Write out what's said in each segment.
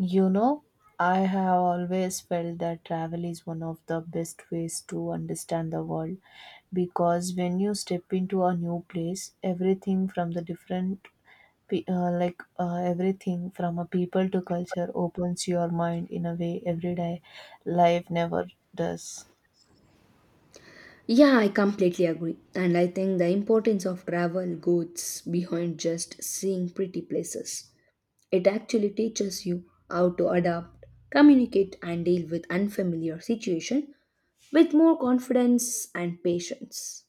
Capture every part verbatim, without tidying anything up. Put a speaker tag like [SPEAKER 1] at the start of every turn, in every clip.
[SPEAKER 1] You know, I have always felt that travel is one of the best ways to understand the world because when you step into a new place, everything from the different, pe- uh, like uh, everything from a people to culture opens your mind in a way everyday life never does.
[SPEAKER 2] Yeah, I completely agree. And I think the importance of travel goes behind just seeing pretty places. It actually teaches you how to adapt, communicate, and deal with unfamiliar situation with more confidence and patience.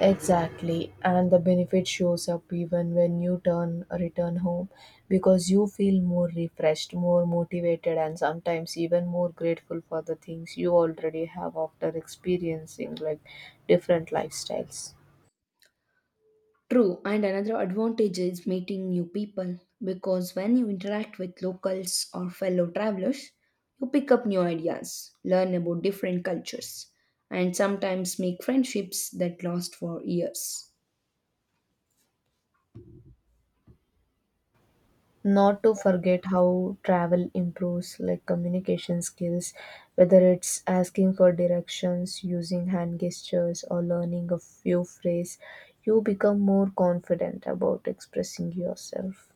[SPEAKER 1] Exactly, and the benefit shows up even when you turn return home because you feel more refreshed, more motivated, and sometimes even more grateful for the things you already have after experiencing like different lifestyles.
[SPEAKER 2] True, and another advantage is meeting new people because when you interact with locals or fellow travelers, you pick up new ideas, learn about different cultures, and sometimes make friendships that last for years.
[SPEAKER 1] Not to forget how travel improves like communication skills, whether it's asking for directions, using hand gestures, or learning a few phrase, you become more confident about expressing yourself.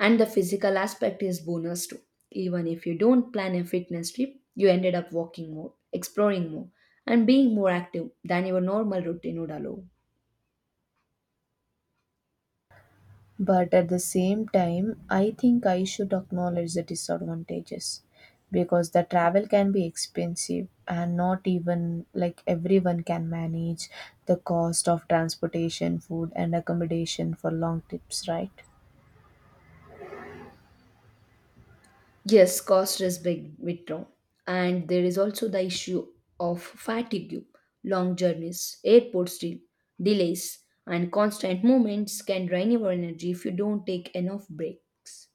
[SPEAKER 2] And the physical aspect is bonus too, even if you don't plan a fitness trip you ended up walking more, exploring more, and being more active than your normal routine would allow.
[SPEAKER 1] But at the same time, I think I should acknowledge the disadvantages because the travel can be expensive and not even like everyone can manage the cost of transportation, food, and accommodation for long trips, right?
[SPEAKER 2] Yes, cost is big withdraw, and there is also the issue of fatigue. Long journeys, airport still delays, and constant movements can drain your energy if you don't take enough breaks.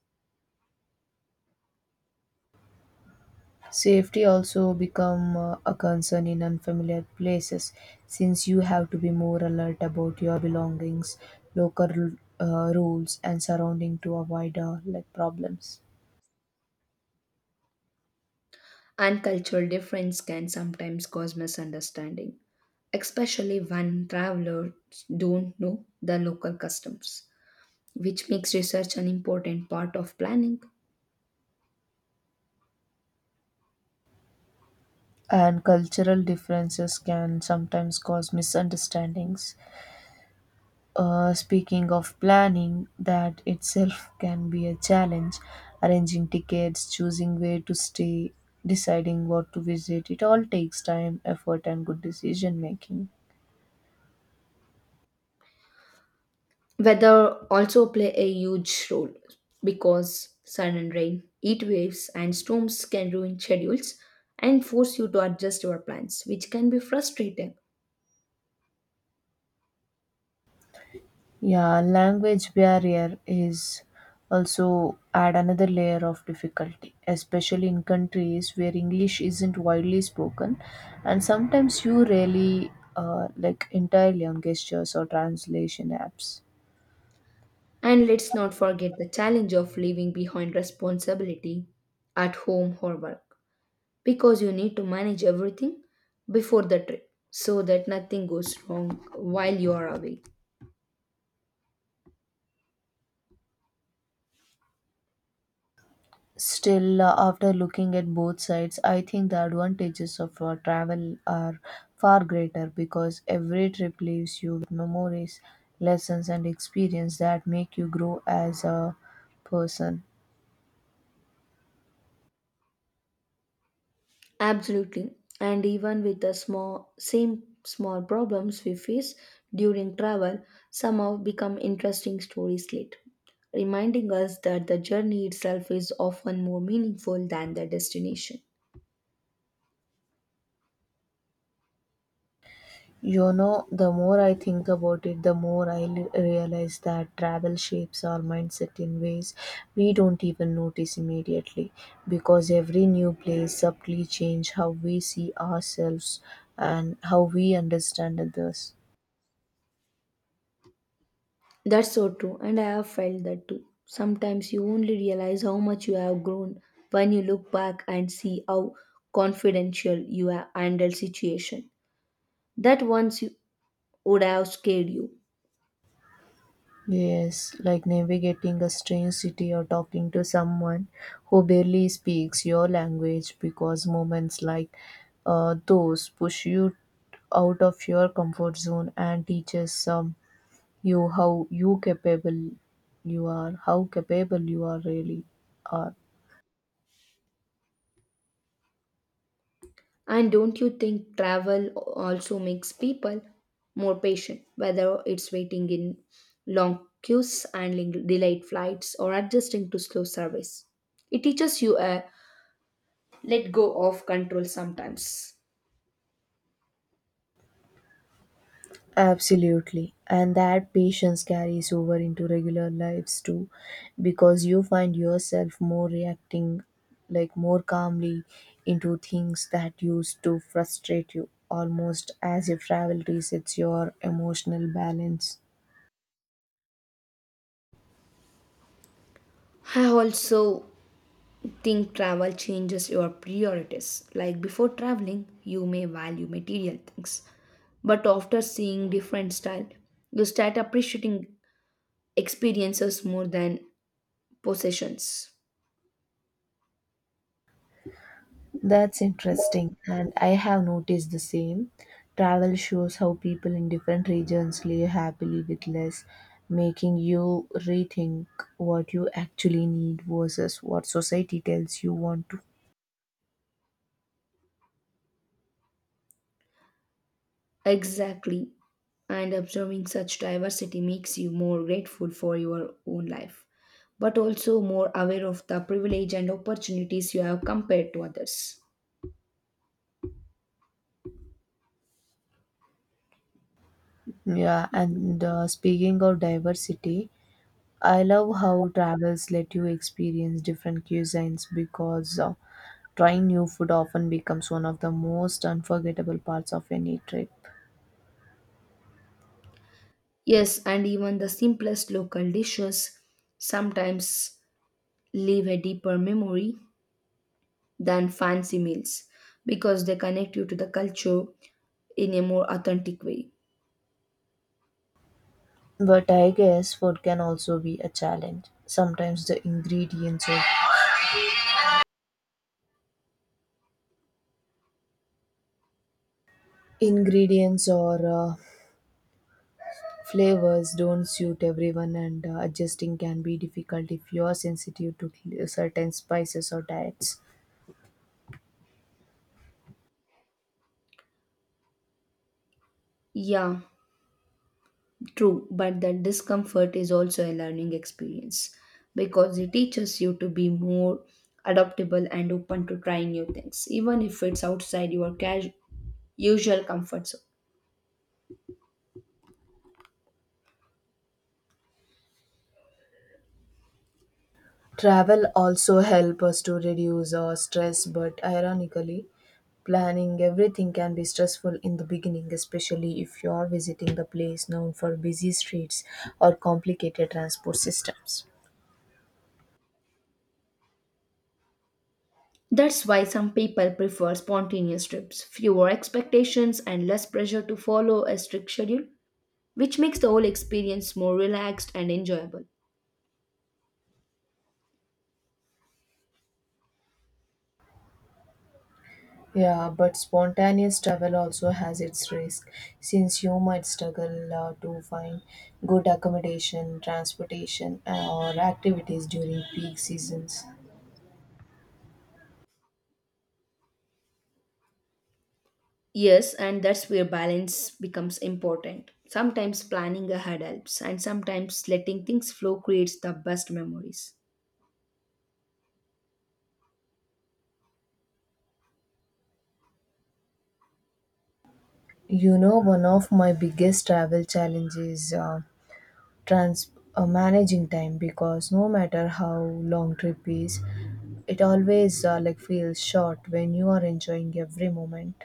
[SPEAKER 1] Safety also become uh, a concern in unfamiliar places since you have to be more alert about your belongings, local uh, rules, and surrounding to avoid uh, like problems.
[SPEAKER 2] And cultural difference can sometimes cause misunderstanding, especially when travelers don't know the local customs, which makes research an important part of planning.
[SPEAKER 1] And cultural differences can sometimes cause misunderstandings. Uh, speaking of planning, that itself can be a challenge. Arranging tickets, choosing where to stay, deciding what to visit, it all takes time, effort, and good decision making.
[SPEAKER 2] Weather also play a huge role because sun and rain, heat waves, and storms can ruin schedules and force you to adjust your plans, which can be frustrating.
[SPEAKER 1] Yeah, language barrier is also add another layer of difficulty, especially in countries where English isn't widely spoken, and sometimes you rarely uh, like entirely on gestures or translation apps.
[SPEAKER 2] And let's not forget the challenge of leaving behind responsibility at home or work, because you need to manage everything before the trip so that nothing goes wrong while you are away.
[SPEAKER 1] Still, uh, after looking at both sides, I think the advantages of uh, travel are far greater because every trip leaves you with memories, lessons, and experience that make you grow as a person.
[SPEAKER 2] Absolutely, and even with the small same small problems we face during travel, somehow become interesting stories later, reminding us that the journey itself is often more meaningful than the destination.
[SPEAKER 1] You know, the more I think about it, the more I l- realize that travel shapes our mindset in ways we don't even notice immediately because every new place subtly changes how we see ourselves and how we understand others.
[SPEAKER 2] That's so true, and I have felt that too. Sometimes you only realize how much you have grown when you look back and see how confidential you have handled situation that once you would have scared you.
[SPEAKER 1] Yes, like navigating a strange city or talking to someone who barely speaks your language because moments like uh, those push you out of your comfort zone and teaches some You how you capable you are, how capable you are really are.
[SPEAKER 2] And don't you think travel also makes people more patient, whether it's waiting in long queues, handling delayed flights, or adjusting to slow service? It teaches you a let go of control sometimes.
[SPEAKER 1] Absolutely. And that patience carries over into regular lives too, because you find yourself more reacting like more calmly into things that used to frustrate you, almost as if travel resets your emotional balance.
[SPEAKER 2] I also think travel changes your priorities. Like before traveling, you may value material things, but after seeing different style, you start appreciating experiences more than possessions.
[SPEAKER 1] That's interesting, and I have noticed the same. Travel shows how people in different regions live happily with less, making you rethink what you actually need versus what society tells you want to.
[SPEAKER 2] Exactly. And observing such diversity makes you more grateful for your own life, but also more aware of the privilege and opportunities you have compared to others.
[SPEAKER 1] Yeah, and uh, speaking of diversity, I love how travels let you experience different cuisines because uh, trying new food often becomes one of the most unforgettable parts of any trip.
[SPEAKER 2] Yes, and even the simplest local dishes sometimes leave a deeper memory than fancy meals because they connect you to the culture in a more authentic way.
[SPEAKER 1] But I guess food can also be a challenge. Sometimes the ingredients or ingredients or uh, flavors don't suit everyone, and uh, adjusting can be difficult if you are sensitive to cl- certain spices or diets.
[SPEAKER 2] Yeah, true, but that discomfort is also a learning experience because it teaches you to be more adaptable and open to trying new things, even if it's outside your casu- usual comfort zone.
[SPEAKER 1] Travel also help us to reduce our stress, but ironically, planning everything can be stressful in the beginning, especially if you are visiting the place known for busy streets or complicated transport systems.
[SPEAKER 2] That's why some people prefer spontaneous trips, fewer expectations, and less pressure to follow a strict schedule, which makes the whole experience more relaxed and enjoyable.
[SPEAKER 1] Yeah, but spontaneous travel also has its risk since you might struggle uh, to find good accommodation, transportation, uh, or activities during peak seasons.
[SPEAKER 2] Yes, and that's where balance becomes important. Sometimes planning ahead helps, and sometimes letting things flow creates the best memories.
[SPEAKER 1] You know, one of my biggest travel challenges uh, trans uh, managing time because no matter how long trip is, it always uh, like feels short when you are enjoying every moment.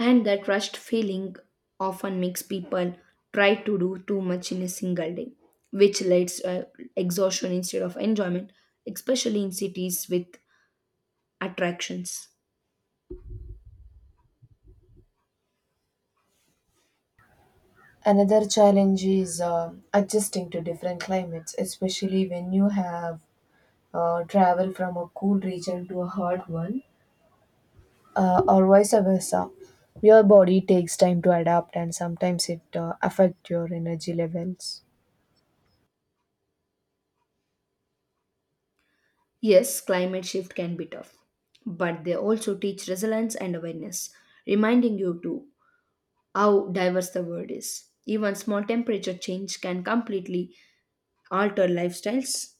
[SPEAKER 2] And that rushed feeling often makes people try to do too much in a single day, which leads to uh, exhaustion instead of enjoyment, especially in cities with attractions.
[SPEAKER 1] Another challenge is uh, adjusting to different climates, especially when you have uh, travel from a cool region to a hot one, uh, or vice versa. Your body takes time to adapt, and sometimes it uh, affect your energy levels.
[SPEAKER 2] Yes, climate shift can be tough, but they also teach resilience and awareness, reminding you to how diverse the world is. Even small temperature change can completely alter lifestyles.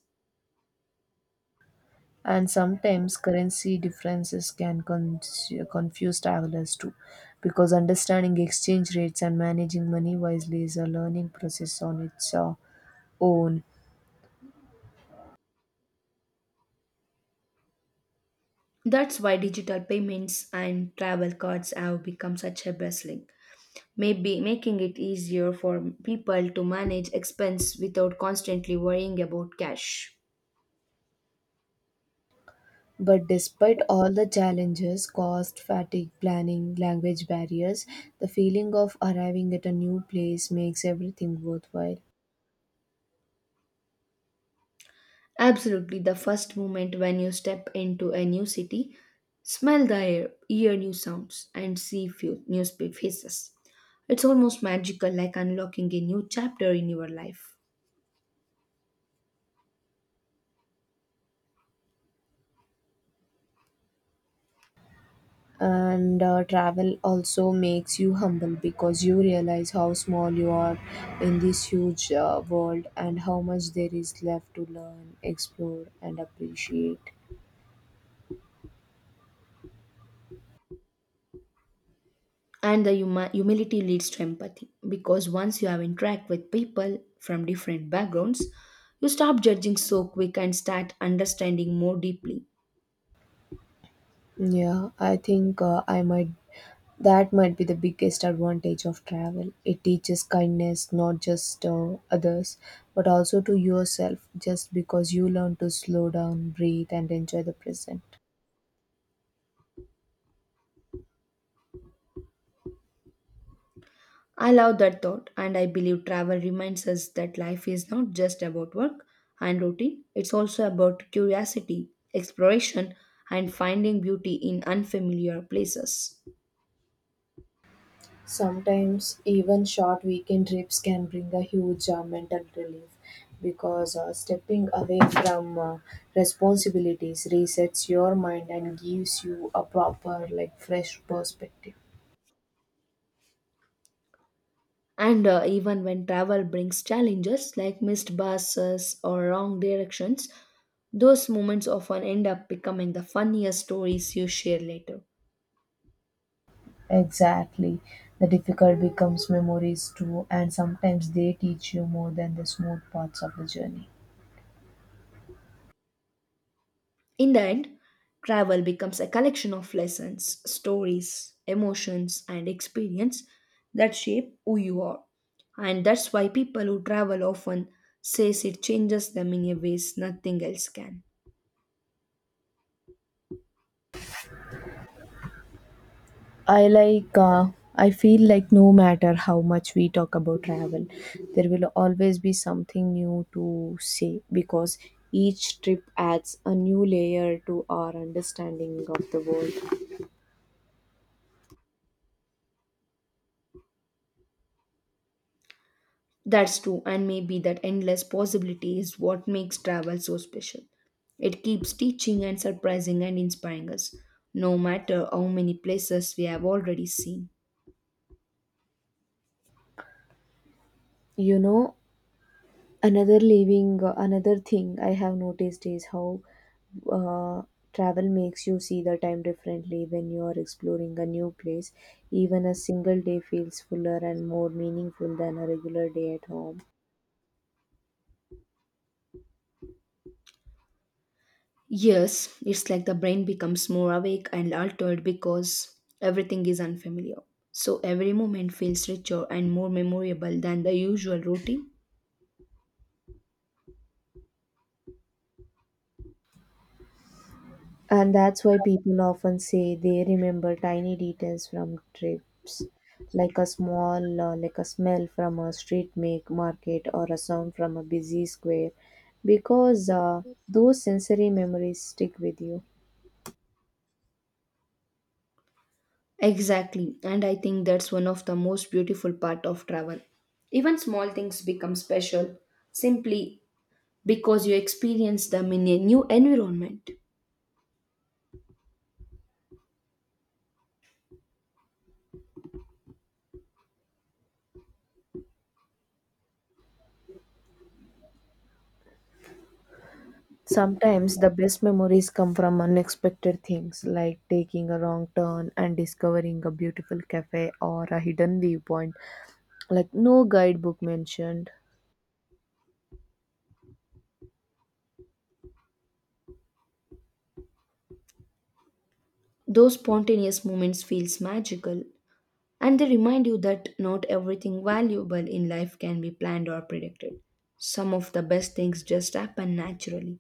[SPEAKER 1] And sometimes currency differences can con- confuse travelers too, because understanding exchange rates and managing money wisely is a learning process on its uh, own.
[SPEAKER 2] That's why digital payments and travel cards have become such a blessing, maybe making it easier for people to manage expense without constantly worrying about cash.
[SPEAKER 1] But despite all the challenges cost, fatigue, planning, language barriers the feeling of arriving at a new place makes everything worthwhile.
[SPEAKER 2] Absolutely, the first moment when you step into a new city, smell the air, hear new sounds, and see few new spe- faces. It's almost magical, like unlocking a new chapter in your life.
[SPEAKER 1] And uh, travel also makes you humble because you realize how small you are in this huge uh, world and how much there is left to learn, explore, and appreciate.
[SPEAKER 2] And the huma- humility leads to empathy because once you have interact with people from different backgrounds, you stop judging so quick and start understanding more deeply.
[SPEAKER 1] Yeah, I think uh, I might that might be the biggest advantage of travel. It teaches kindness not just to others, but also to yourself, just because you learn to slow down, breathe, and enjoy the present.
[SPEAKER 2] I love that thought, and I believe travel reminds us that life is not just about work and routine, it's also about curiosity, exploration, and finding beauty in unfamiliar places.
[SPEAKER 1] Sometimes even short weekend trips can bring a huge uh, mental relief because uh, stepping away from uh, responsibilities resets your mind and gives you a proper like fresh perspective.
[SPEAKER 2] And uh, even when travel brings challenges like missed buses or wrong directions, those moments often end up becoming the funniest stories you share later.
[SPEAKER 1] Exactly. The difficult becomes memories too, and sometimes they teach you more than the smooth parts of the journey.
[SPEAKER 2] In the end, travel becomes a collection of lessons, stories, emotions, and experience that shape who you are. And that's why people who travel often says it changes them in a ways nothing else can.
[SPEAKER 1] I like uh, I feel like no matter how much we talk about travel, there will always be something new to say because each trip adds a new layer to our understanding of the world.
[SPEAKER 2] That's true, and maybe that endless possibility is what makes travel so special. It keeps teaching and surprising and inspiring us, no matter how many places we have already seen.
[SPEAKER 1] You know, Another living, uh, another thing I have noticed is how uh, travel makes you see the time differently when you are exploring a new place. Even a single day feels fuller and more meaningful than a regular day at home.
[SPEAKER 2] Yes, it's like the brain becomes more awake and altered because everything is unfamiliar. So every moment feels richer and more memorable than the usual routine.
[SPEAKER 1] And that's why people often say they remember tiny details from trips, like a small, uh, like a smell from a street make market or a sound from a busy square, because uh, those sensory memories stick with you.
[SPEAKER 2] Exactly, and I think that's one of the most beautiful part of travel. Even small things become special simply because you experience them in a new environment.
[SPEAKER 1] Sometimes the best memories come from unexpected things like taking a wrong turn and discovering a beautiful cafe or a hidden viewpoint, like no guidebook mentioned.
[SPEAKER 2] Those spontaneous moments feels magical, and they remind you that not everything valuable in life can be planned or predicted. Some of the best things just happen naturally.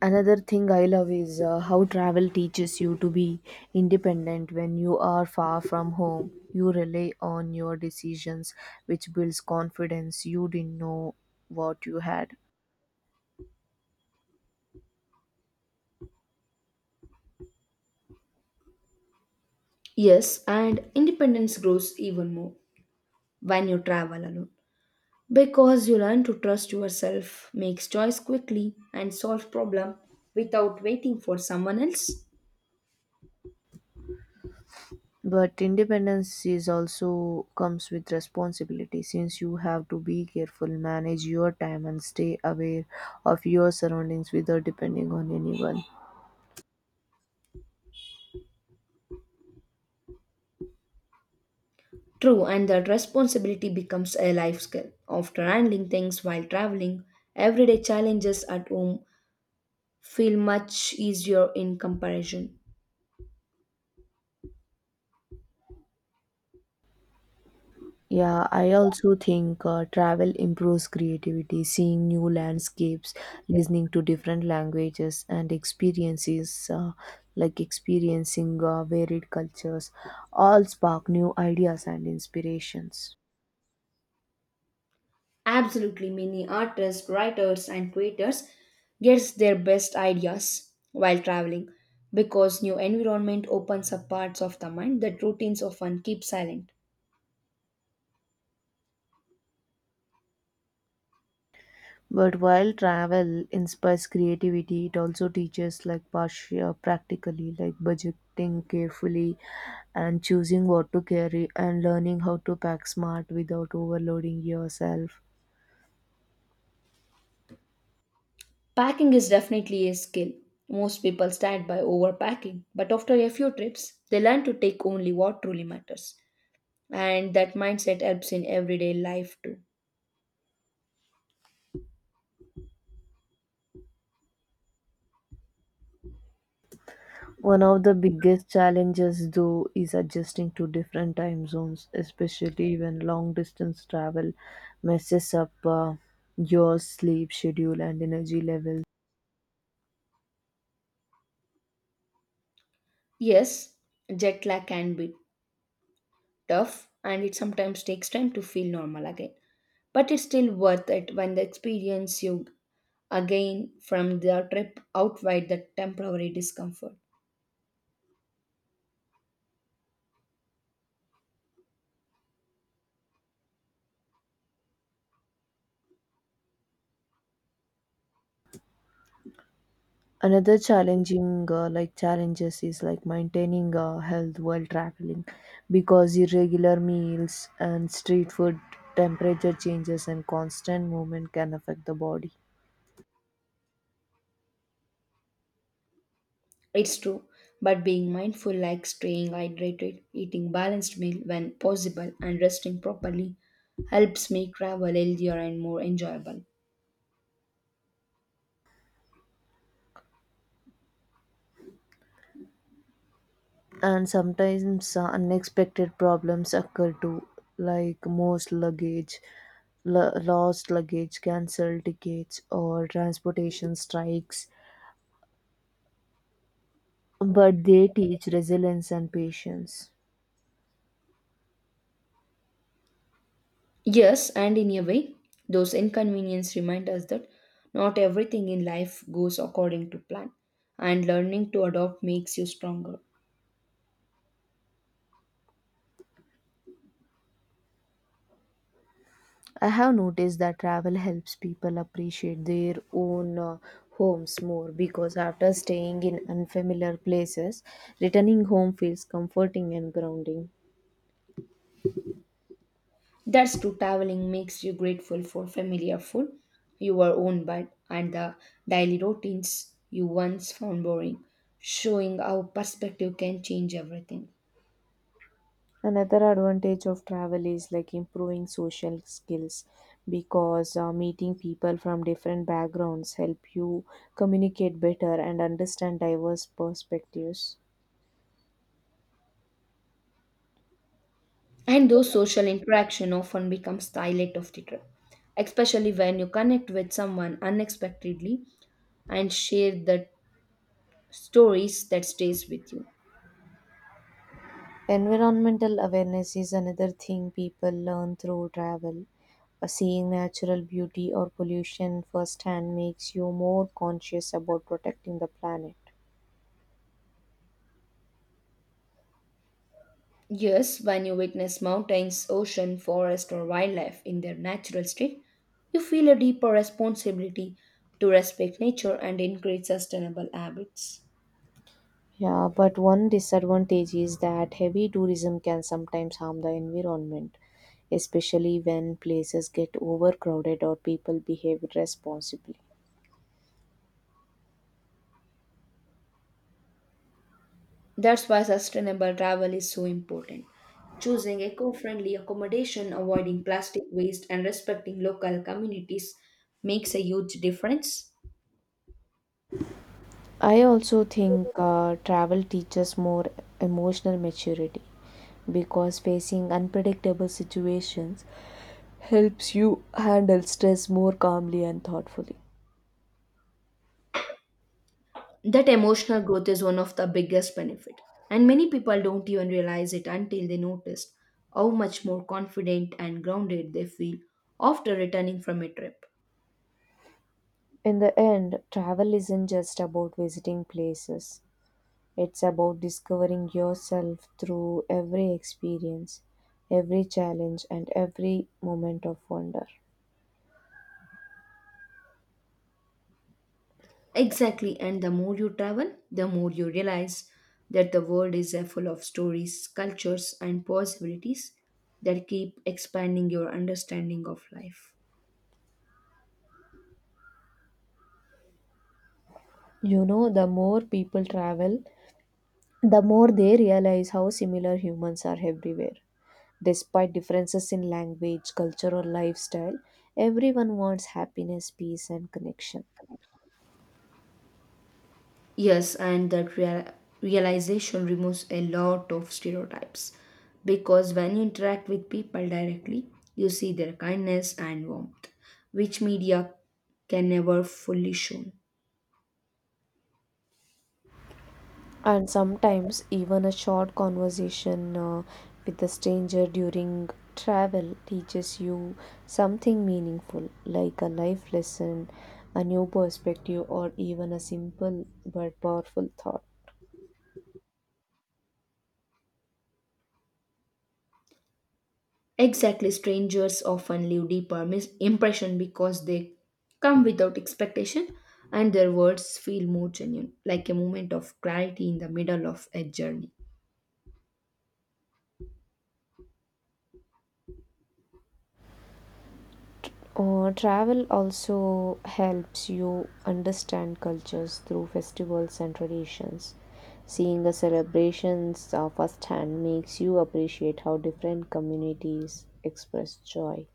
[SPEAKER 1] Another thing I love is uh, how travel teaches you to be independent when you are far from home. You rely on your decisions, which builds confidence you didn't know what you had.
[SPEAKER 2] Yes, and independence grows even more when you travel alone because you learn to trust yourself, makes choice quickly, and solve problem without waiting for someone else.
[SPEAKER 1] But independence is also comes with responsibility since you have to be careful, manage your time and stay aware of your surroundings without depending on anyone.
[SPEAKER 2] True, and that responsibility becomes a life skill. After handling things while traveling, everyday challenges at home feel much easier in comparison.
[SPEAKER 1] Yeah, I also think uh, travel improves creativity, seeing new landscapes, listening to different languages and experiences uh, like experiencing uh, varied cultures all spark new ideas and inspirations.
[SPEAKER 2] Absolutely, many artists, writers, and creators gets their best ideas while traveling because new environment opens up parts of the mind that routines often keep silent.
[SPEAKER 1] But while travel inspires creativity, it also teaches like partial practically, like budgeting carefully and choosing what to carry and learning how to pack smart without overloading yourself.
[SPEAKER 2] Packing is definitely a skill. Most people start by overpacking, but after a few trips, they learn to take only what truly matters. And that mindset helps in everyday life too.
[SPEAKER 1] One of the biggest challenges though is adjusting to different time zones, especially when long distance travel messes up uh, your sleep schedule and energy levels.
[SPEAKER 2] Yes, jet lag can be tough, and it sometimes takes time to feel normal again, but it's still worth it when the experience you again from the trip outweigh the temporary discomfort.
[SPEAKER 1] Another challenging uh, like challenges is like maintaining uh, health while traveling because irregular meals and street food temperature changes and constant movement can affect the body.
[SPEAKER 2] It's true, but being mindful, like staying hydrated, eating balanced meal when possible, and resting properly, helps make travel healthier and more enjoyable.
[SPEAKER 1] And sometimes uh, unexpected problems occur too, like most luggage l- lost luggage, cancelled tickets or transportation strikes, but they teach resilience and patience.
[SPEAKER 2] Yes, and in a way, those inconveniences remind us that not everything in life goes according to plan, and learning to adopt makes you stronger.
[SPEAKER 1] I have noticed that travel helps people appreciate their own uh, homes more because after staying in unfamiliar places, returning home feels comforting and grounding.
[SPEAKER 2] That's true, traveling makes you grateful for familiar food, your own bed, and the daily routines you once found boring, showing how perspective can change everything.
[SPEAKER 1] Another advantage of travel is like improving social skills because uh, meeting people from different backgrounds help you communicate better and understand diverse perspectives.
[SPEAKER 2] And those social interaction often becomes the highlight of the trip, especially when you connect with someone unexpectedly and share that stories that stays with you.
[SPEAKER 1] Environmental awareness is another thing people learn through travel. Uh, Seeing natural beauty or pollution firsthand makes you more conscious about protecting the planet.
[SPEAKER 2] Yes, when you witness mountains, ocean, forest or wildlife in their natural state, you feel a deeper responsibility to respect nature and encourage sustainable habits.
[SPEAKER 1] Yeah, but one disadvantage is that heavy tourism can sometimes harm the environment, especially when places get overcrowded or people behave irresponsibly.
[SPEAKER 2] That's why sustainable travel is so important. Choosing eco friendly accommodation, avoiding plastic waste, and respecting local communities makes a huge difference.
[SPEAKER 1] I also think uh, travel teaches more emotional maturity because facing unpredictable situations helps you handle stress more calmly and thoughtfully.
[SPEAKER 2] That emotional growth is one of the biggest benefit, and many people don't even realize it until they notice how much more confident and grounded they feel after returning from a trip.
[SPEAKER 1] In the end, travel isn't just about visiting places, it's about discovering yourself through every experience, every challenge, and every moment of wonder.
[SPEAKER 2] Exactly, and the more you travel, the more you realize that the world is uh, full of stories, cultures, and possibilities that keep expanding your understanding of life.
[SPEAKER 1] You know, the more people travel, the more they realize how similar humans are everywhere despite differences in language, culture, or lifestyle, everyone wants happiness, peace, and connection.
[SPEAKER 2] Yes, and that real- realization removes a lot of stereotypes because when you interact with people directly, you see their kindness and warmth, which media can never fully show.
[SPEAKER 1] And sometimes, even a short conversation uh, with a stranger during travel teaches you something meaningful, like a life lesson, a new perspective, or even a simple but powerful thought.
[SPEAKER 2] Exactly, strangers often leave deeper mis- impression because they come without expectation, and their words feel more genuine, like a moment of clarity in the middle of a journey.
[SPEAKER 1] Uh, travel also helps you understand cultures through festivals and traditions. Seeing the celebrations uh, firsthand makes you appreciate how different communities express joy.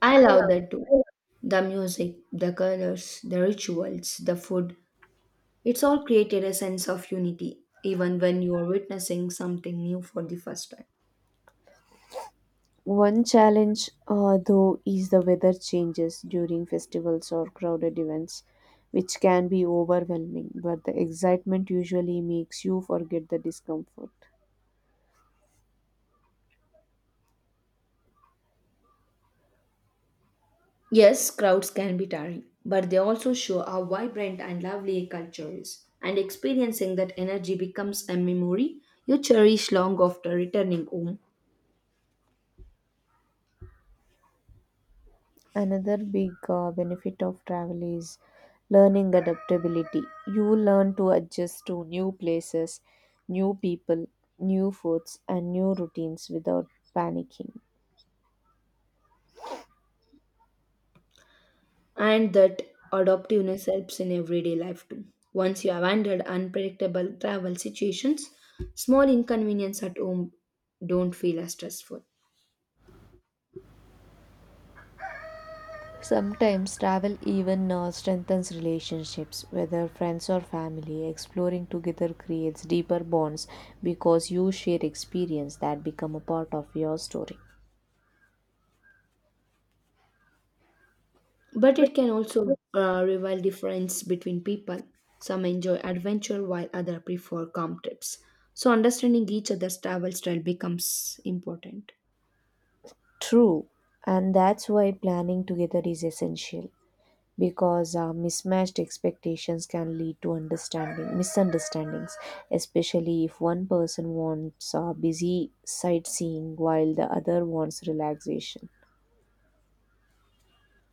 [SPEAKER 2] I love that too. The music, the colors, the rituals, the food, it's all created a sense of unity, even when you are witnessing something new for the first time.
[SPEAKER 1] One challenge, uh, though, is the weather changes during festivals or crowded events, which can be overwhelming, but the excitement usually makes you forget the discomfort.
[SPEAKER 2] Yes, crowds can be tiring, but they also show how vibrant and lovely a culture is. And experiencing that energy becomes a memory you cherish long after returning home.
[SPEAKER 1] Another big uh, benefit of travel is learning adaptability. You learn to adjust to new places, new people, new foods, and new routines without panicking.
[SPEAKER 2] And that adaptiveness helps in everyday life too. Once you have handled unpredictable travel situations, small inconvenience at home don't feel as stressful.
[SPEAKER 1] Sometimes travel even uh, strengthens relationships, whether friends or family. Exploring together creates deeper bonds because you share experience that become a part of your story.
[SPEAKER 2] But it can also uh, reveal difference between people. Some enjoy adventure while others prefer calm trips. So understanding each other's travel style becomes important.
[SPEAKER 1] True, and that's why planning together is essential, because uh, mismatched expectations can lead to understanding misunderstandings, especially if one person wants uh, busy sightseeing while the other wants relaxation.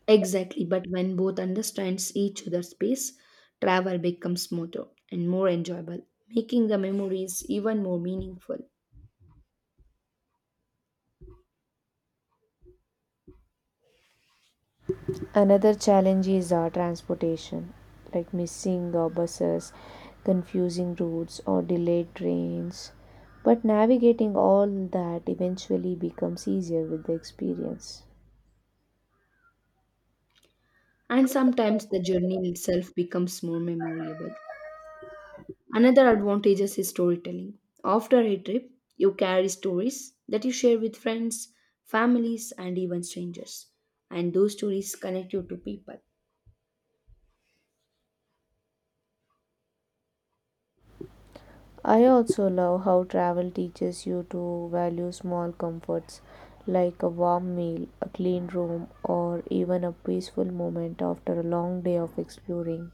[SPEAKER 2] Exactly, but when both understands each other's pace, travel becomes smoother and more enjoyable, making the memories even more meaningful.
[SPEAKER 1] Another challenge is uh, transportation, like missing uh, buses, confusing routes or delayed trains, but navigating all that eventually becomes easier with the experience.
[SPEAKER 2] And sometimes the journey itself becomes more memorable. Another advantage is storytelling. After a trip, you carry stories that you share with friends, families, and even strangers. And those stories connect you to people.
[SPEAKER 1] I also love how travel teaches you to value small comforts like a warm meal, a clean room, or even a peaceful moment after a long day of exploring.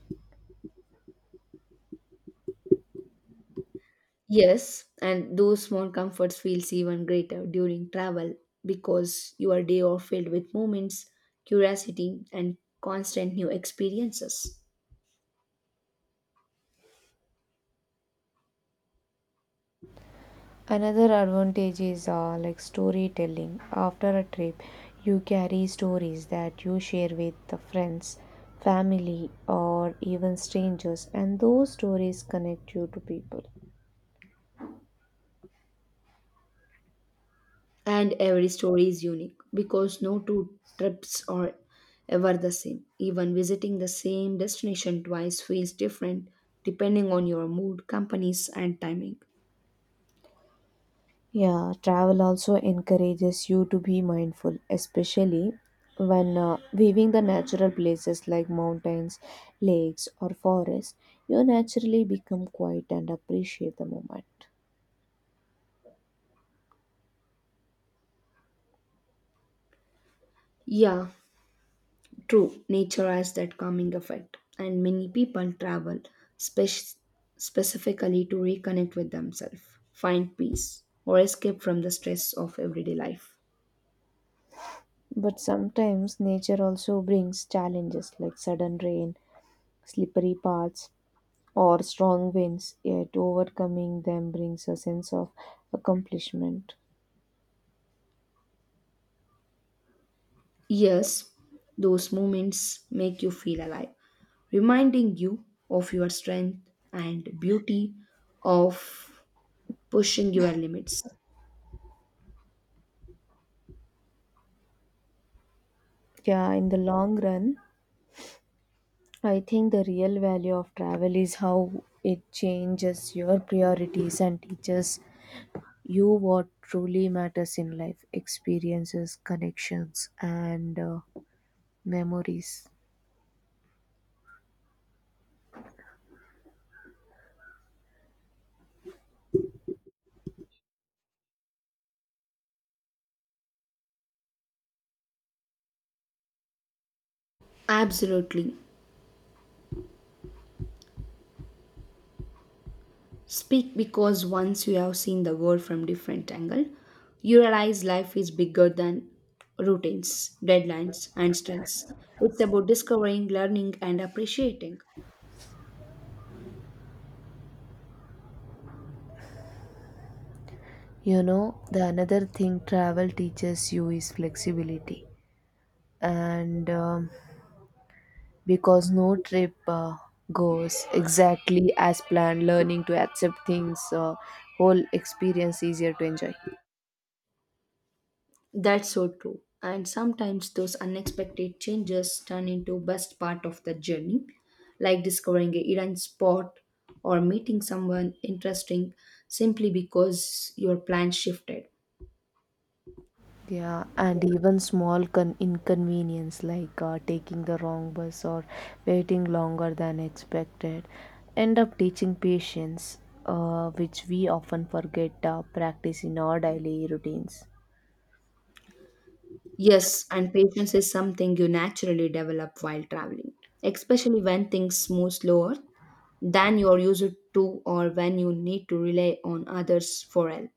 [SPEAKER 2] Yes, and those small comforts feels even greater during travel because your day are filled with moments, curiosity, and constant new experiences.
[SPEAKER 1] Another advantage is uh, like storytelling. After a trip, you carry stories that you share with the friends, family, or even strangers, and those stories connect you to people.
[SPEAKER 2] And every story is unique because no two trips are ever the same. Even visiting the same destination twice feels different depending on your mood, companies, and timing.
[SPEAKER 1] Yeah, travel also encourages you to be mindful, especially when uh, viewing the natural places like mountains, lakes, or forests. You naturally become quiet and appreciate the moment.
[SPEAKER 2] Yeah, true. Nature has that calming effect, and many people travel spec- specifically to reconnect with themselves, find peace, or escape from the stress of everyday life.
[SPEAKER 1] But sometimes nature also brings challenges like sudden rain, slippery paths, or strong winds, yet overcoming them brings a sense of accomplishment.
[SPEAKER 2] Yes, those moments make you feel alive, reminding you of your strength and beauty of pushing your limits.
[SPEAKER 1] Yeah, in the long run, I think the real value of travel is how it changes your priorities and teaches you what truly matters in life experiences, connections, and uh, memories.
[SPEAKER 2] Absolutely. Speak because once you have seen the world from different angle, you realize life is bigger than routines, deadlines and strengths. It's about discovering, learning and appreciating.
[SPEAKER 1] You know, the another thing travel teaches you is flexibility, and um, because no trip uh, goes exactly as planned, learning to accept things, uh, whole experience easier to enjoy.
[SPEAKER 2] That's so true. And sometimes those unexpected changes turn into best part of the journey, like discovering a hidden spot or meeting someone interesting simply because your plans shifted.
[SPEAKER 1] Yeah, and even small con- inconvenience like uh, taking the wrong bus or waiting longer than expected end up teaching patience, uh, which we often forget uh, practice in our daily routines.
[SPEAKER 2] Yes, and patience is something you naturally develop while traveling, especially when things move slower than you're used to or when you need to rely on others for help.